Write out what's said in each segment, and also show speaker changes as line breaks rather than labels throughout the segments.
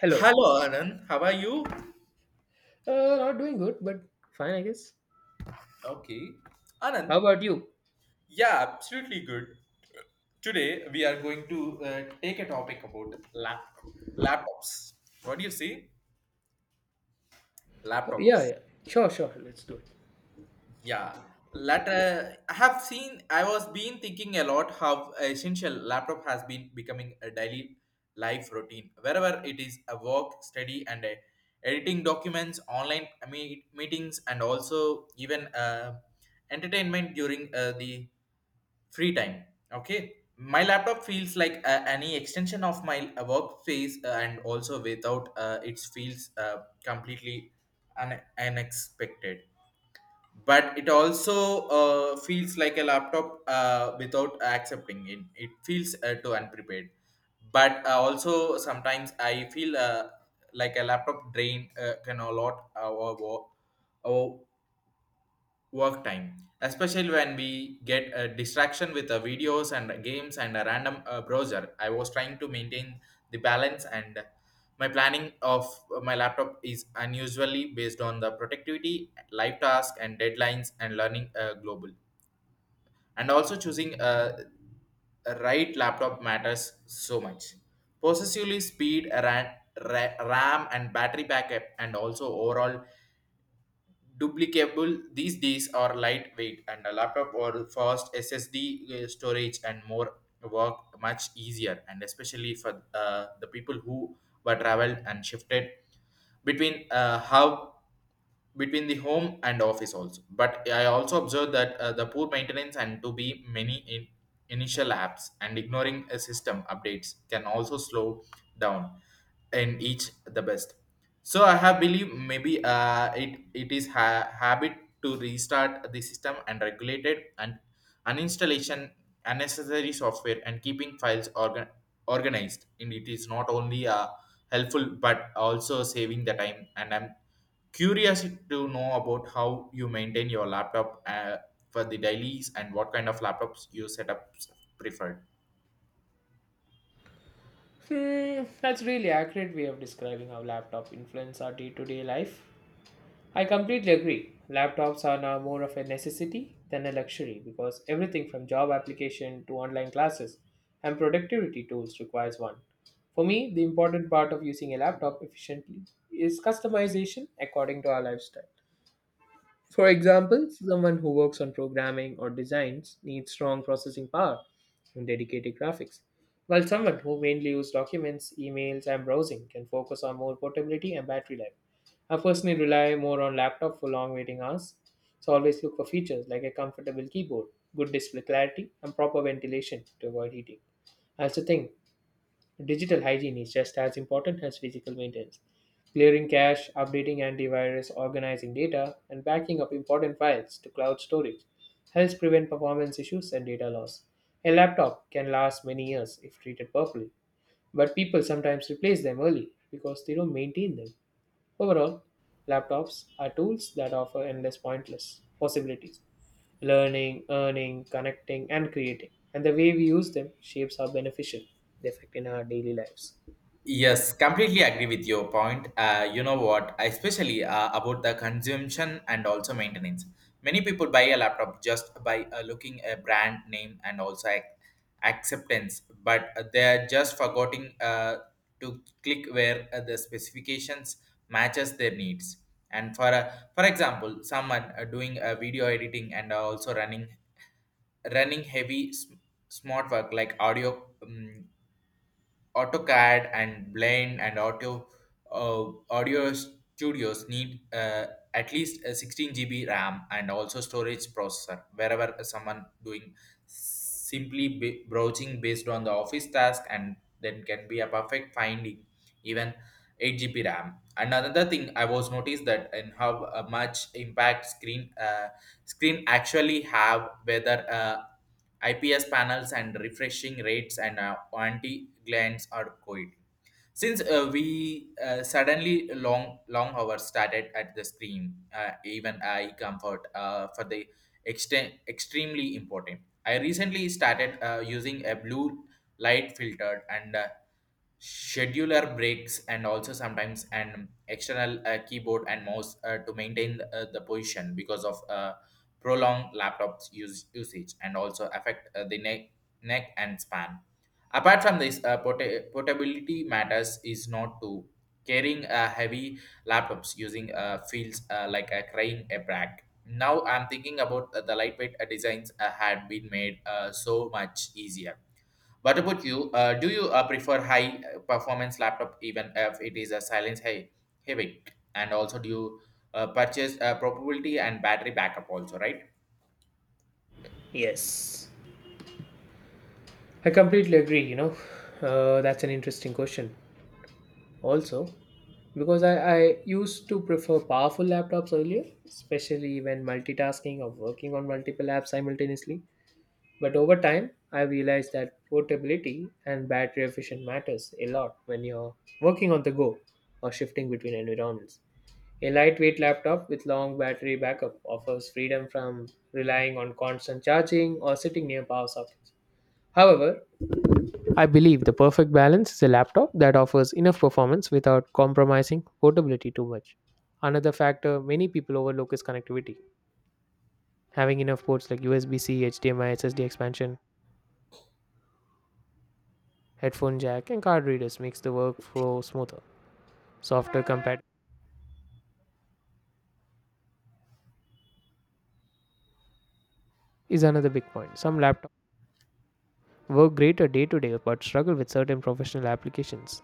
Hello.
Hello, Anand. How are you?
Not doing good, but fine, I guess.
Okay.
How
Anand,
about you?
yeah, absolutely good. Today we are going to take a topic about laptops. What do you see?
Uh, yeah,
Laptops.
yeah. Sure, sure. Let's do it.
Yeah, latter I have seen. I was been thinking a lot how essential laptop has been becoming a daily life routine. Wherever it is, a work, study, and editing documents, online meetings, and also even entertainment during the free time. Okay, my laptop feels like any extension of my workspace, and also without it feels completely unexpected, but it also feels like a laptop without accepting it feels too unprepared, but also sometimes I feel like a laptop drain can a lot or work time, especially when we get a distraction with the videos and games and a random browser. I was trying to maintain the balance, and my planning of my laptop is unusually based on the productivity life task and deadlines and learning global. And also choosing a right laptop matters so much, possessively speed RAM and battery backup and also overall duplicable these days are lightweight, and a laptop or fast ssd storage and more work much easier, and especially for the people who were traveled and shifted between hub between the home and office also. But I also observed that the poor maintenance and to be many in initial apps and ignoring a system updates can also slow down in each the best. So I have believe maybe it is habit to restart the system and regulate it, and uninstallation unnecessary software and keeping files organized, and it is not only helpful but also saving the time. And I'm curiosity to know about how you maintain your laptop for the dailies and what kind of laptops you set up preferred.
Hmm, that's really accurate way of describing how laptop influence our day-to-day life. I completely agree. Laptops are now more of a necessity than a luxury because everything from job application to online classes and productivity tools requires one. For me, the important part of using a laptop efficiently is customization according to our lifestyle. For example, someone who works on programming or designs needs strong processing power and dedicated graphics, while someone who mainly uses documents, emails, and browsing can focus on more portability and battery life. I personally rely more on laptop for long waiting hours, so always look for features like a comfortable keyboard, good display clarity, and proper ventilation to avoid heating. I also think digital hygiene is just as important as physical maintenance. Clearing cache, updating antivirus, organizing data, and backing up important files to cloud storage helps prevent performance issues and data loss. A laptop can last many years if treated properly, but people sometimes replace them early because they don't maintain them. Overall, laptops are tools that offer endless pointless possibilities, learning, earning, connecting, and creating. And the way we use them shapes how beneficial they affect in our daily lives.
Yes, completely agree with your point. Especially about the consumption and also maintenance. Many people buy a laptop just by looking a brand name and also acceptance, but they are just forgetting to click where the specifications matches their needs. And for example, someone doing video editing and also running heavy smart work like audio, AutoCAD and Blend and audio studios need at least a 16 GB RAM and also storage processor, wherever someone doing simply browsing based on the office task, and then can be a perfect finding even 8 GB RAM. And another thing I was noticed that in how much impact screen actually have, whether IPS panels and refreshing rates and anti glands are quiet. Since we suddenly long hours started at the screen, even eye comfort for the extent extremely important. I recently started using a blue light filtered and scheduler breaks, and also sometimes an external keyboard and mouse to maintain the position, because of prolong laptops usage and also affect the neck and span. Apart from this, portability matters is not to carrying a heavy laptops using feels like a crying a brag. Now I'm thinking about the lightweight designs had been made so much easier. What about you? Do you prefer high performance laptop even if it is a silence high heavy? And also, do you purchase probability and battery backup also, right?
Yes, I completely agree. That's an interesting question. Also, because I used to prefer powerful laptops earlier, especially when multitasking or working on multiple apps simultaneously. But over time, I realized that portability and battery efficient matters a lot when you're working on the go or shifting between environments. A lightweight laptop with long battery backup offers freedom from relying on constant charging or sitting near power sockets. However, I believe the perfect balance is a laptop that offers enough performance without compromising portability too much. Another factor many people overlook is connectivity. Having enough ports like USB C, HDMI, SSD expansion, headphone jack, and card readers makes the workflow smoother. Software compatibility is another big point. Some laptops work great day to day but struggle with certain professional applications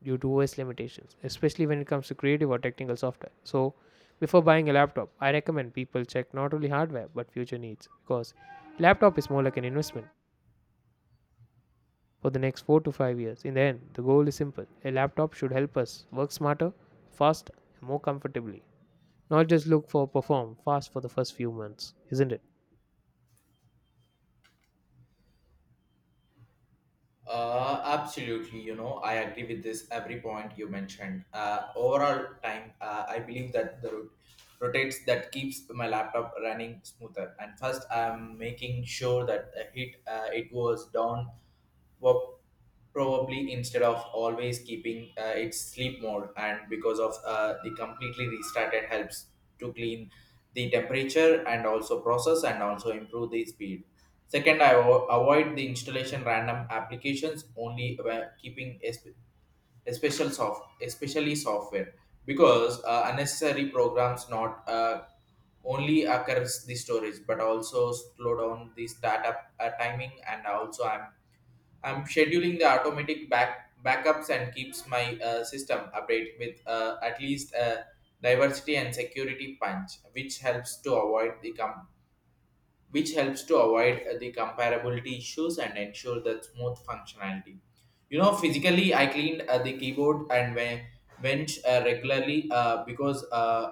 due to OS limitations, especially when it comes to creative or technical software. So, before buying a laptop, I recommend people check not only hardware but future needs because laptop is more like an investment for the next 4 to 5 years. In the end, the goal is simple. A laptop should help us work smarter, faster, and more comfortably, not just look for perform fast for the first few months, isn't it?
Absolutely. You know, I agree with this every point you mentioned. Overall time, I believe that the rotates that keeps my laptop running smoother. And first, I'm making sure that the heat it was down well, probably instead of always keeping its sleep mode, and because of the completely restarted helps to clean the temperature and also process and also improve the speed. Second, I avoid the installation random applications only when keeping special soft especially software, because unnecessary programs not only occurs the storage but also slow down the startup timing. And also I'm scheduling the automatic backups and keeps my system update with at least a diversity and security punch, which helps to avoid which helps to avoid the comparability issues and ensure that smooth functionality. You know, physically I cleaned the keyboard and bench regularly, because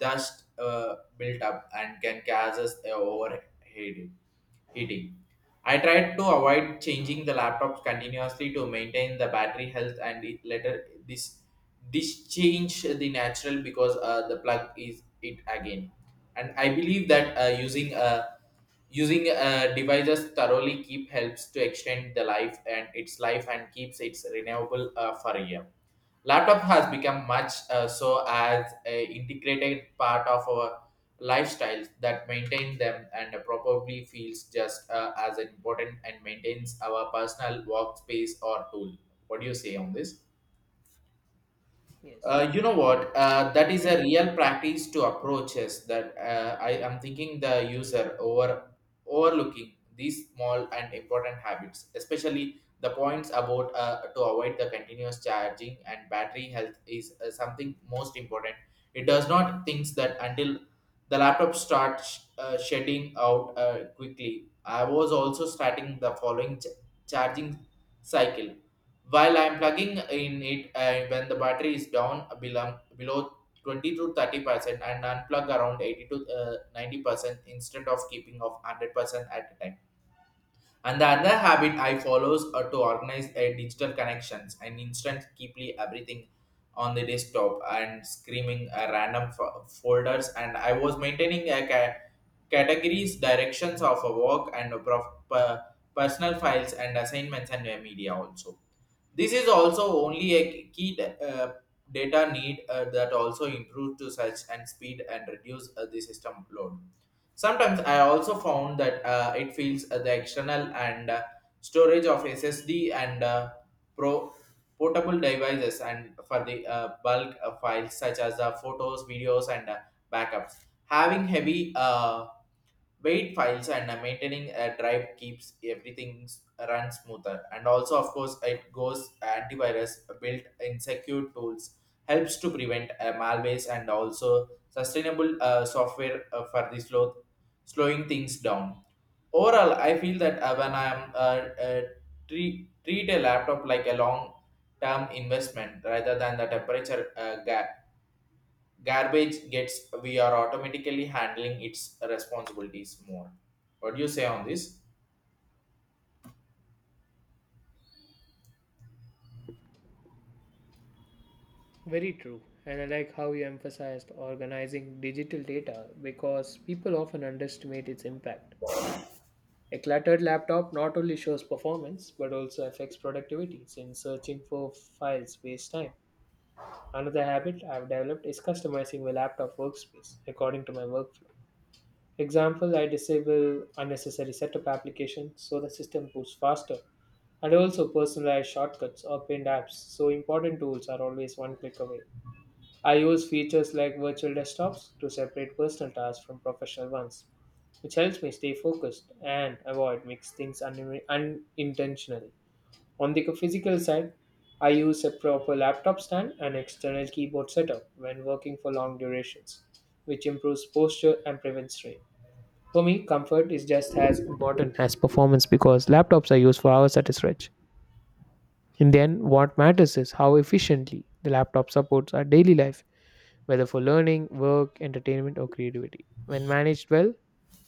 dust built up and can causes overheating heating. I tried to avoid changing the laptops continuously to maintain the battery health, and it later this change the natural because the plug is it again. And I believe that using a Using devices thoroughly keep helps to extend the life and its life and keeps its renewable for a year. Laptop has become much so as a integrated part of our lifestyles that maintain them and probably feels just as important, and maintains our personal workspace or tool. What do you say on this? You know what? That is a real practice to approaches that I am thinking the user overlooking these small and important habits, especially the points about to avoid the continuous charging and battery health is something most important. It does not thinks that until the laptop starts shedding out quickly. I was also starting the following charging cycle while I'm plugging in it when the battery is down below 20 to 30%, and unplug around 80 to 90%, instead of keeping of 100% at a time. And the other habit I follows are to organize a digital connections and instant keeply everything on the desktop and screaming a random folders. And I was maintaining a categories, directions of a work and a personal files and assignments and media also. This is also only a key data need that also improve to such and speed and reduce the system load. Sometimes I also found that it feels the external and storage of SSD and pro portable devices and for the bulk files such as photos, videos, and backups. Having heavy weight files and maintaining a drive keeps everything run smoother. And also, of course, it goes antivirus built in secure tools helps to prevent malwares, and also sustainable software for the slowing things down. Overall, I feel that when I am treat a laptop like a long term investment rather than the temperature garbage gets, we are automatically handling its responsibilities more. What do you say on this?
Very true. And I like how you emphasized organizing digital data because people often underestimate its impact. A cluttered laptop not only shows performance but also affects productivity since searching for files wastes time. Another habit I've developed is customizing my laptop workspace according to my workflow. For example, I disable unnecessary setup applications so the system boots faster and also personalize shortcuts or pinned apps, so important tools are always one click away. I use features like virtual desktops to separate personal tasks from professional ones, which helps me stay focused and avoid mixed things unintentionally. On the physical side, I use a proper laptop stand and external keyboard setup when working for long durations, which improves posture and prevents strain. For me, comfort is just as important as performance because laptops are used for hours at a stretch. In the end, what matters is how efficiently the laptop supports our daily life, whether for learning, work, entertainment, or creativity. When managed well,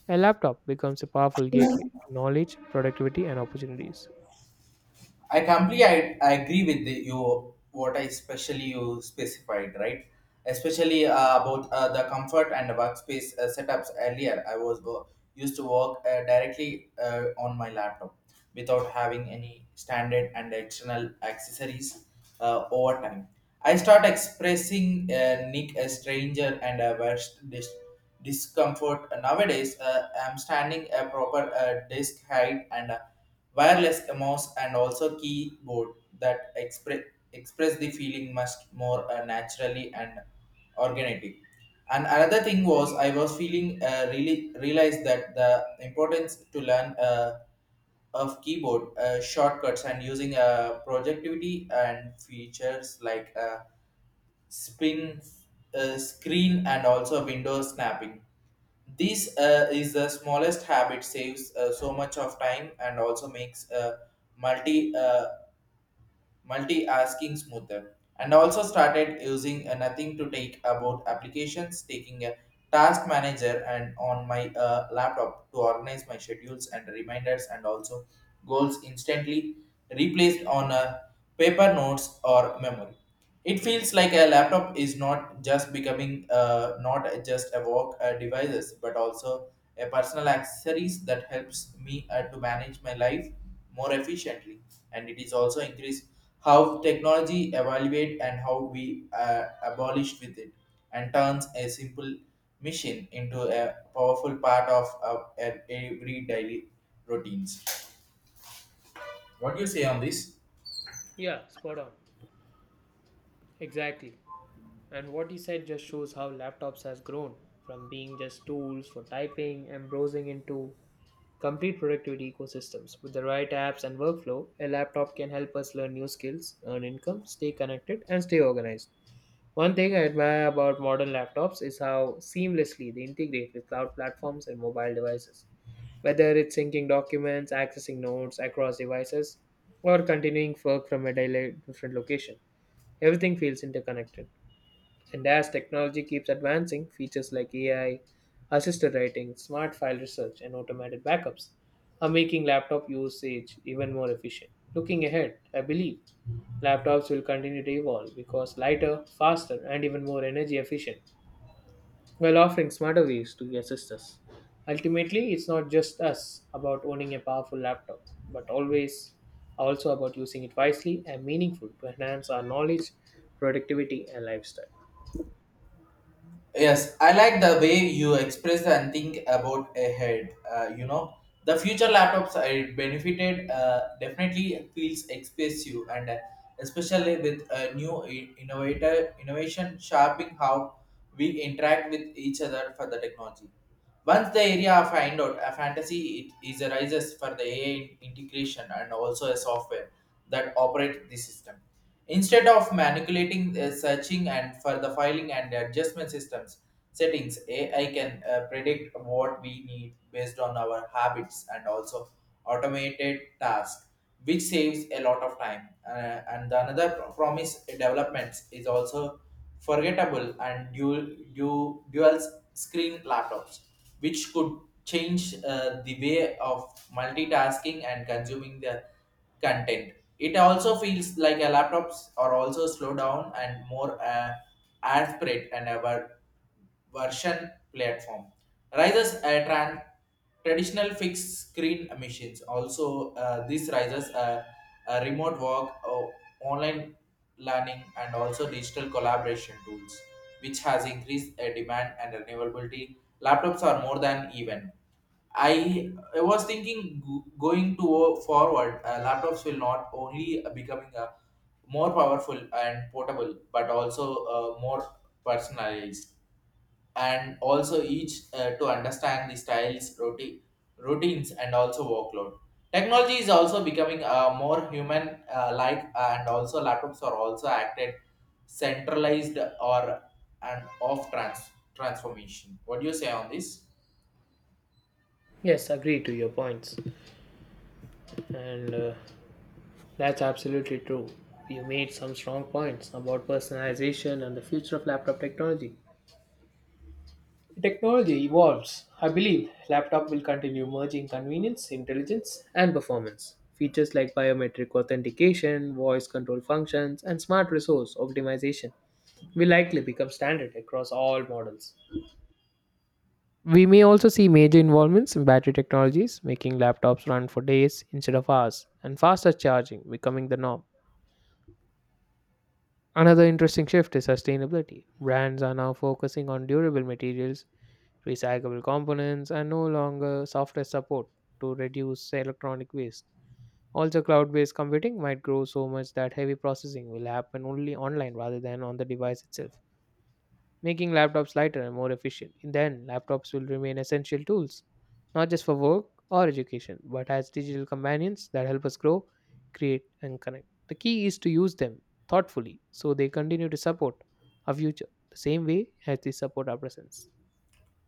a laptop becomes a powerful gateway to knowledge, productivity, and opportunities.
I agree with the, you what I especially you specified right, especially about the comfort and workspace setups. Earlier, I was used to work directly on my laptop without having any standard and external accessories over time. I start expressing Nick a stranger and a worst discomfort. Nowadays, I'm standing a proper desk height and wireless mouse and also keyboard that express the feeling much more naturally and organically. And another thing was I was feeling really realized that the importance to learn of keyboard shortcuts and using projectivity and features like spin screen and also window snapping. This is the smallest habit saves so much of time and also makes multi uh, multi-asking smoother. And also started using nothing to take about applications taking a task manager and on my laptop to organize my schedules and reminders and also goals instantly replaced on a paper notes or memory. It feels like a laptop is not just becoming not just a work devices, but also a personal accessories that helps me to manage my life more efficiently. And it is also increased how technology evaluate and how we abolished with it, and turns a simple machine into a powerful part of every daily routines. What do you say on this?
Yeah, spot on. Exactly. And what you said just shows how laptops has grown from being just tools for typing and browsing into complete productivity ecosystems. With the right apps and workflow, a laptop can help us learn new skills, earn income, stay connected, and stay organized. One thing I admire about modern laptops is how seamlessly they integrate with cloud platforms and mobile devices. Whether it's syncing documents, accessing notes across devices, or continuing work from a different location, everything feels interconnected. And as technology keeps advancing, features like AI, assisted writing, smart file research, and automated backups are making laptop usage even more efficient. Looking ahead, I believe laptops will continue to evolve because lighter, faster, and even more energy efficient, while offering smarter ways to assist us. Ultimately, it's not just us about owning a powerful laptop, but always also about using it wisely and meaningful to enhance our knowledge, productivity, and lifestyle.
Yes, I like the way you express and think about ahead. You know, the future laptops I benefited definitely feels expensive, and especially with new I- innovator innovation sharpening how we interact with each other for the technology. Once the area of find out a fantasy, it is arises for the AI integration and also a software that operate the system. Instead of manipulating, searching and for the filing and adjustment systems settings, AI can predict what we need based on our habits and also automated tasks, which saves a lot of time. And the another promise developments is also forgettable and dual screen laptops, which could change the way of multitasking and consuming the content. It also feels like a laptops are also slow down and more aspirate and a version platform. Rises a traditional fixed screen machines. Also, this rises a remote work, online learning and also digital collaboration tools, which has increased a demand and renewability. Laptops are more than even. I was thinking forward, laptops will not only becoming a more powerful and portable, but also more personalized and also each to understand the styles, routines, and also workload. Technology is also becoming more human like, and also laptops are also acted centralized or and off transformation. What do you say on this?
Yes, agree to your points, and that's absolutely true. You made some strong points about personalization and the future of laptop technology. Technology evolves. I believe laptop will continue merging convenience, intelligence, and performance. Features like biometric authentication, voice control functions, and smart resource optimization will likely become standard across all models. We may also see major involvements in battery technologies, making laptops run for days instead of hours, and faster charging becoming the norm. Another interesting shift is sustainability. Brands are now focusing on durable materials, recyclable components, and no longer software support to reduce electronic waste. Also, cloud based computing might grow so much that heavy processing will happen only online rather than on the device itself, making laptops lighter and more efficient. Then, laptops will remain essential tools, not just for work or education, but as digital companions that help us grow, create, and connect. The key is to use them thoughtfully so they continue to support our future the same way as they support our presence.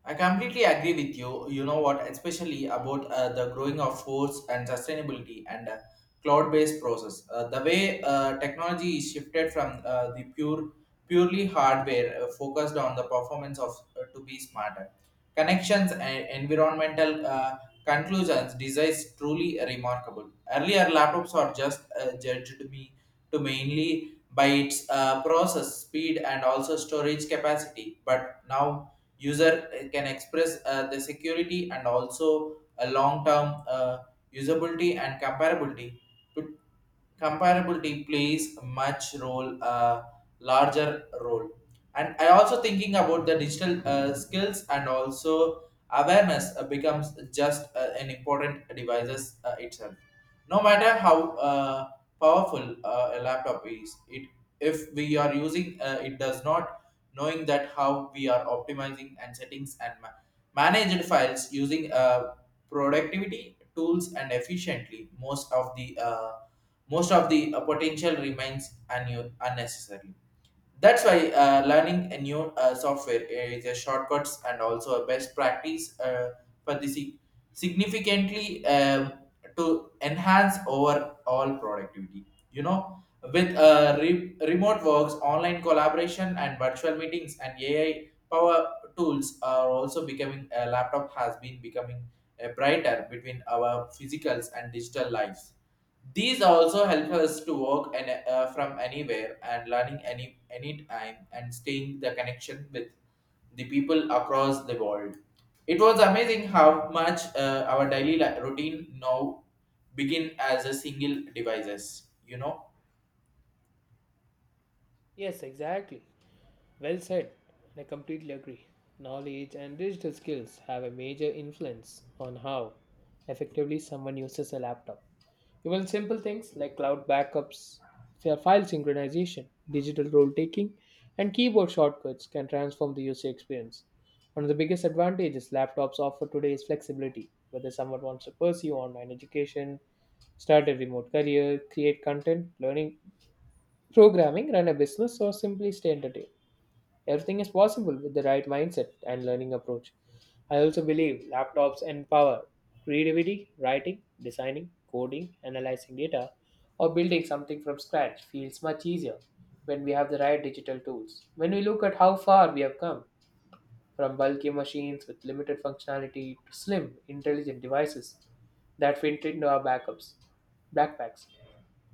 I completely agree with you. You know what, especially about the growing of force and sustainability and cloud-based process. The way technology is shifted from purely hardware focused on the performance of to be smarter. Connections and environmental conclusions designs truly remarkable. Earlier laptops are just judged me to mainly by its process speed and also storage capacity, but now user can express the security and also a long-term usability and comparability plays a much role larger role, and I also thinking about the digital skills and also awareness becomes just an important devices itself, no matter how powerful a laptop is it, if we are using it does not knowing that how we are optimizing and settings and managed files using productivity tools and efficiently, most of the potential remains unnecessary. That's why learning a new software is a shortcuts and also a best practice for the sig- significantly, to enhance overall productivity. You know, with remote works, online collaboration, and virtual meetings, and AI power tools are also becoming. A laptop has been becoming a brighter between our physicals and digital lives. These also help us to work and from anywhere and learning any time and staying the connection with the people across the world. It was amazing how much our daily routine now begin as a single devices. You know.
Yes, exactly. Well said, and I completely agree. Knowledge and digital skills have a major influence on how effectively someone uses a laptop. Even simple things like cloud backups, file synchronization, digital role taking, and keyboard shortcuts can transform the user experience. One of the biggest advantages laptops offer today is flexibility. Whether someone wants to pursue online education, start a remote career, create content, learning, programming, run a business, or simply stay entertained. Everything is possible with the right mindset and learning approach. I also believe laptops empower creativity, writing, designing, coding, analyzing data, or building something from scratch feels much easier when we have the right digital tools. When we look at how far we have come from bulky machines with limited functionality to slim, intelligent devices that fit into our backpacks,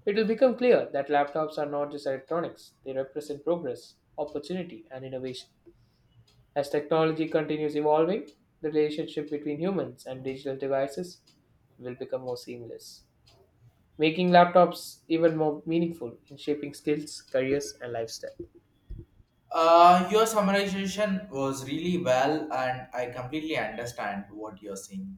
it will become clear that laptops are not just electronics, they represent progress, opportunity, and innovation. As technology continues evolving, the relationship between humans and digital devices will become more seamless, making laptops even more meaningful in shaping skills, careers, and lifestyle.
Your summarization was really well, and I completely understand what you're saying.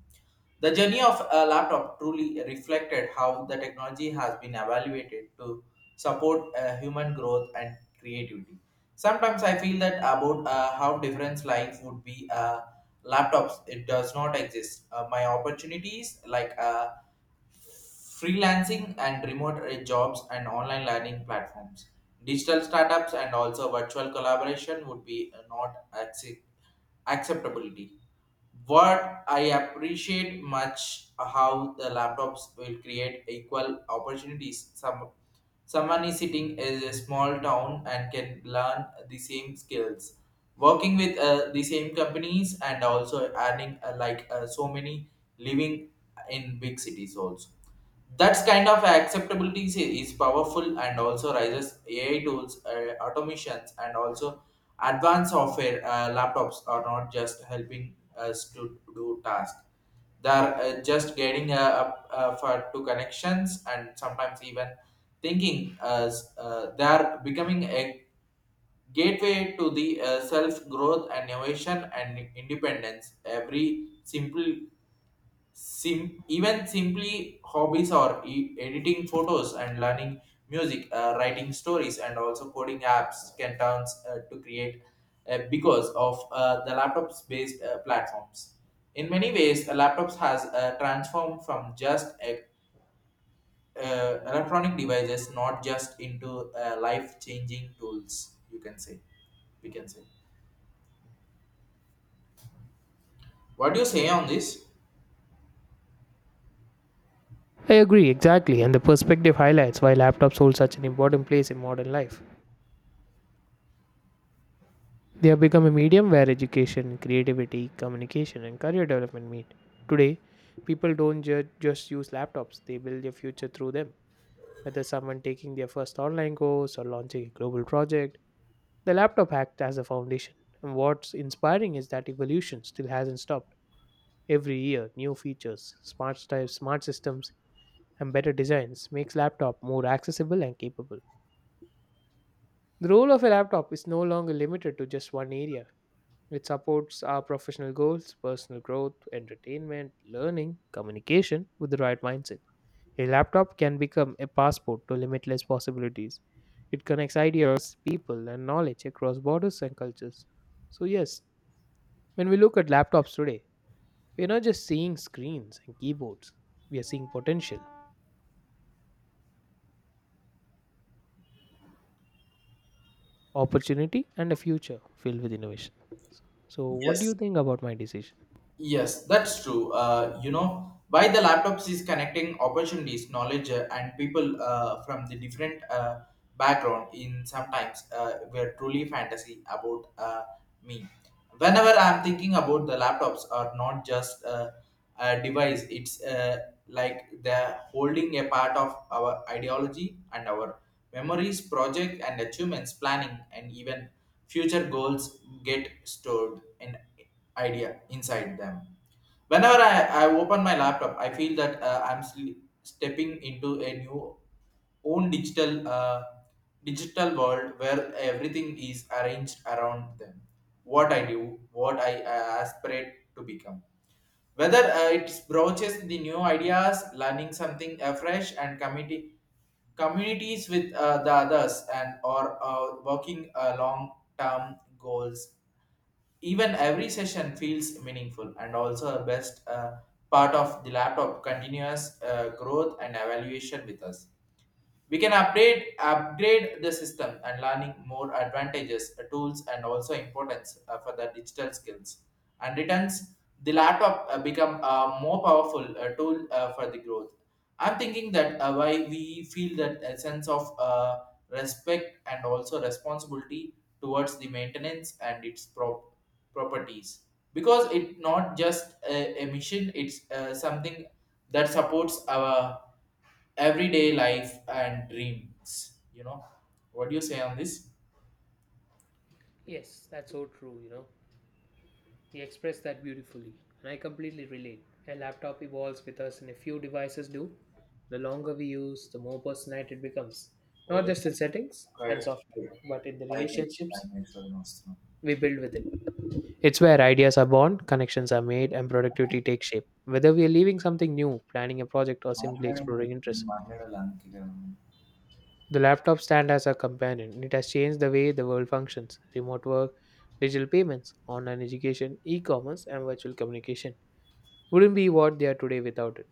The journey of a laptop truly reflected how the technology has been evaluated to support human growth and creativity. Sometimes I feel that about how different life would be laptops. It does not exist. My opportunities like freelancing and remote jobs and online learning platforms, digital startups and also virtual collaboration would be not accept- acceptability. What I appreciate much how the laptops will create equal opportunities. Someone is sitting in a small town and can learn the same skills, working with the same companies and also earning so many living in big cities also. That's kind of acceptability is powerful and also rises AI tools, automations, and also advanced software. Laptops are not just helping us to do tasks; they are just getting up for to connections and sometimes even thinking. As They are becoming a gateway to the self growth and innovation and independence. Even simply hobbies or editing photos and learning music, writing stories, and also coding apps can turn to create because of the laptops-based platforms. In many ways, the laptops has transformed from electronic devices, not just into life-changing tools. You can say, we can say. What do you say on this?
I agree, exactly, and the perspective highlights why laptops hold such an important place in modern life. They have become a medium where education, creativity, communication, and career development meet. Today, people don't just use laptops, they build their future through them. Whether someone taking their first online course or launching a global project, the laptop acts as a foundation, and what's inspiring is that evolution still hasn't stopped. Every year, new features, smart styles, smart systems, and better designs makes laptop more accessible and capable. The role of a laptop is no longer limited to just one area. It supports our professional goals, personal growth, entertainment, learning, communication with the right mindset. A laptop can become a passport to limitless possibilities. It connects ideas, people, and knowledge across borders and cultures. So, yes, when we look at laptops today, we are not just seeing screens and keyboards, we are seeing potential, opportunity, and a future filled with innovation. So, what do you
Yes.
think about my decision?
Yes, that's true. You know, why the laptops is connecting opportunities, knowledge, and people from the different background in sometimes were truly fantasy about me. Whenever I'm thinking about the laptops are not just a device, it's like they're holding a part of our ideology and our memories, project and achievements, planning, and even future goals get stored in idea inside them. Whenever I open my laptop, I feel that stepping into a new own digital digital world where everything is arranged around them. What I do, what I aspirate to become. Whether it broaches the new ideas, learning something afresh, and community communities with the others and or working long term goals, even every session feels meaningful and also the best part of the laptop continuous growth and evaluation with us. We can update upgrade the system and learning more advantages, tools, and also importance for the digital skills. And returns the laptop become a more powerful tool for the growth. I'm thinking that why we feel that a sense of respect and also responsibility towards the maintenance and its properties, because it not just a mission, it's something that supports our everyday life and dreams. You know, what do you say on this?
Yes, that's so true, you know. You expressed that beautifully, and I completely relate. A laptop evolves with us, and a few devices do. The longer we use, the more personalized it becomes, not
Over the
just in settings and
required
software,
five
but in the
minutes,
relationships
five minutes almost.
we build with it. It's where ideas are born, connections are made, and productivity takes shape. Whether we are leaving something new, planning a project, or simply
మాట్లాడండి.
exploring interests,
మాట్లాడాలి అందుకే కదా.
the laptop stand as a companion. It has changed the way the world functions, remote work, digital payments, online education, e commerce, and virtual communication wouldn't be what they are today without it.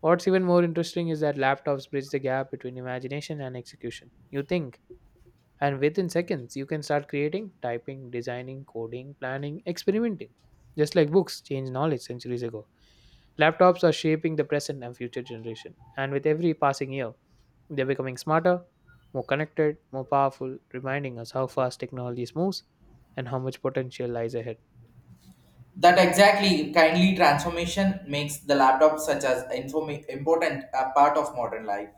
What's even more interesting is that laptops bridge the gap between imagination and execution. You think, and within seconds, you can start creating, typing, designing, coding, planning, experimenting. Just like books changed knowledge centuries ago. Laptops are shaping the present and future generation, and with every passing year, they're becoming smarter, more connected, more powerful, reminding us how fast technology moves and how much potential lies ahead.
That exactly kindly transformation makes the laptop such as important part of modern life.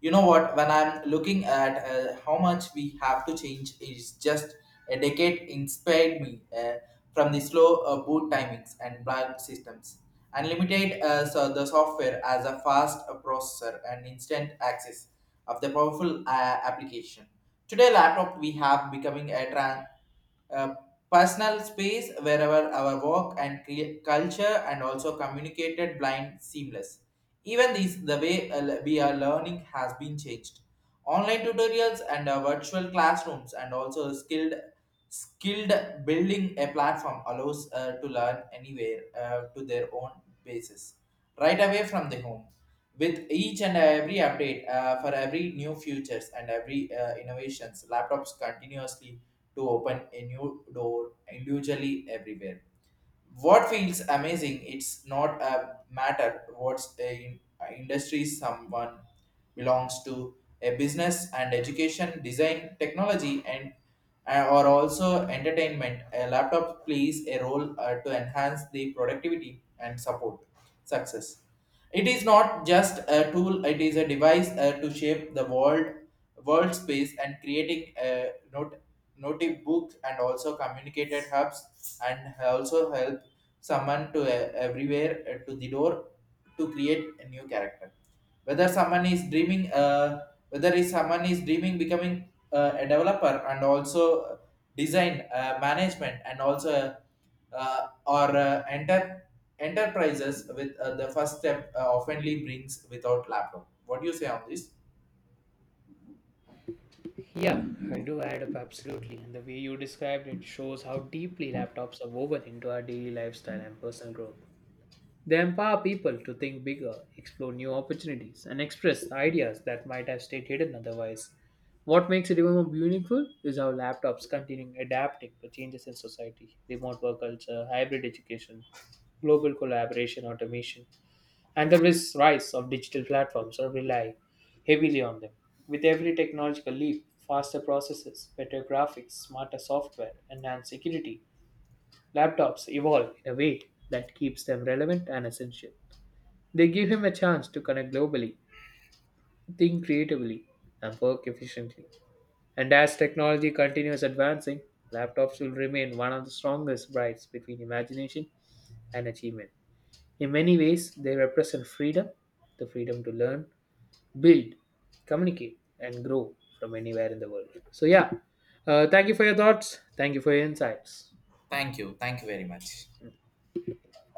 You know what? When I'm looking at how much we have to change, is just a decade inspired me from the slow boot timings and blind systems, unlimited so the software as a fast processor and instant access of the powerful application. Today, laptop we have becoming a trend, uh, personal space wherever our work and culture and also communicated blind seamless. Even these, the way we are learning has been changed. Online tutorials and virtual classrooms and also skilled building a platform allows to learn anywhere to their own basis, right away from the home. With each and every update for every new futures and every innovations, laptops continuously to open a new door individually everywhere. What feels amazing, it's not a matter what's a industry someone belongs to, a business and education design technology and or also entertainment, a laptop plays a role to enhance the productivity and support success. It is not just a tool, it is a device to shape the world, world space and creating a notebook and also communicated hubs and also help someone to everywhere to the door to create a new character. whether someone is dreaming uh, Whether is someone is dreaming becoming a developer and also design management and also or enter enterprises with the first step oftenly brings without laptop. What do you say on this?
Yeah, I do add up absolutely. And the way you described it shows how deeply laptops are woven into our daily lifestyle and personal growth. They empower people to think bigger, explore new opportunities, and express ideas that might have stayed hidden otherwise. What makes it even more meaningful is how laptops continue adapting to changes in society, remote work culture, hybrid education, global collaboration, automation, and the rise of digital platforms that rely heavily on them. With every technological leap, faster processors, better graphics, smarter software, enhanced security, laptops evolve in a way that keeps them relevant and essential. They give him a chance to connect globally, think creatively, and work efficiently. And as technology continues advancing, laptops will remain one of the strongest brides between imagination and achievement. In many ways, they represent freedom, the freedom to learn, build, communicate, and grow from anywhere in the world. So, yeah, thank you for your thoughts. Thank you for your insights.
Thank you. Thank you very much.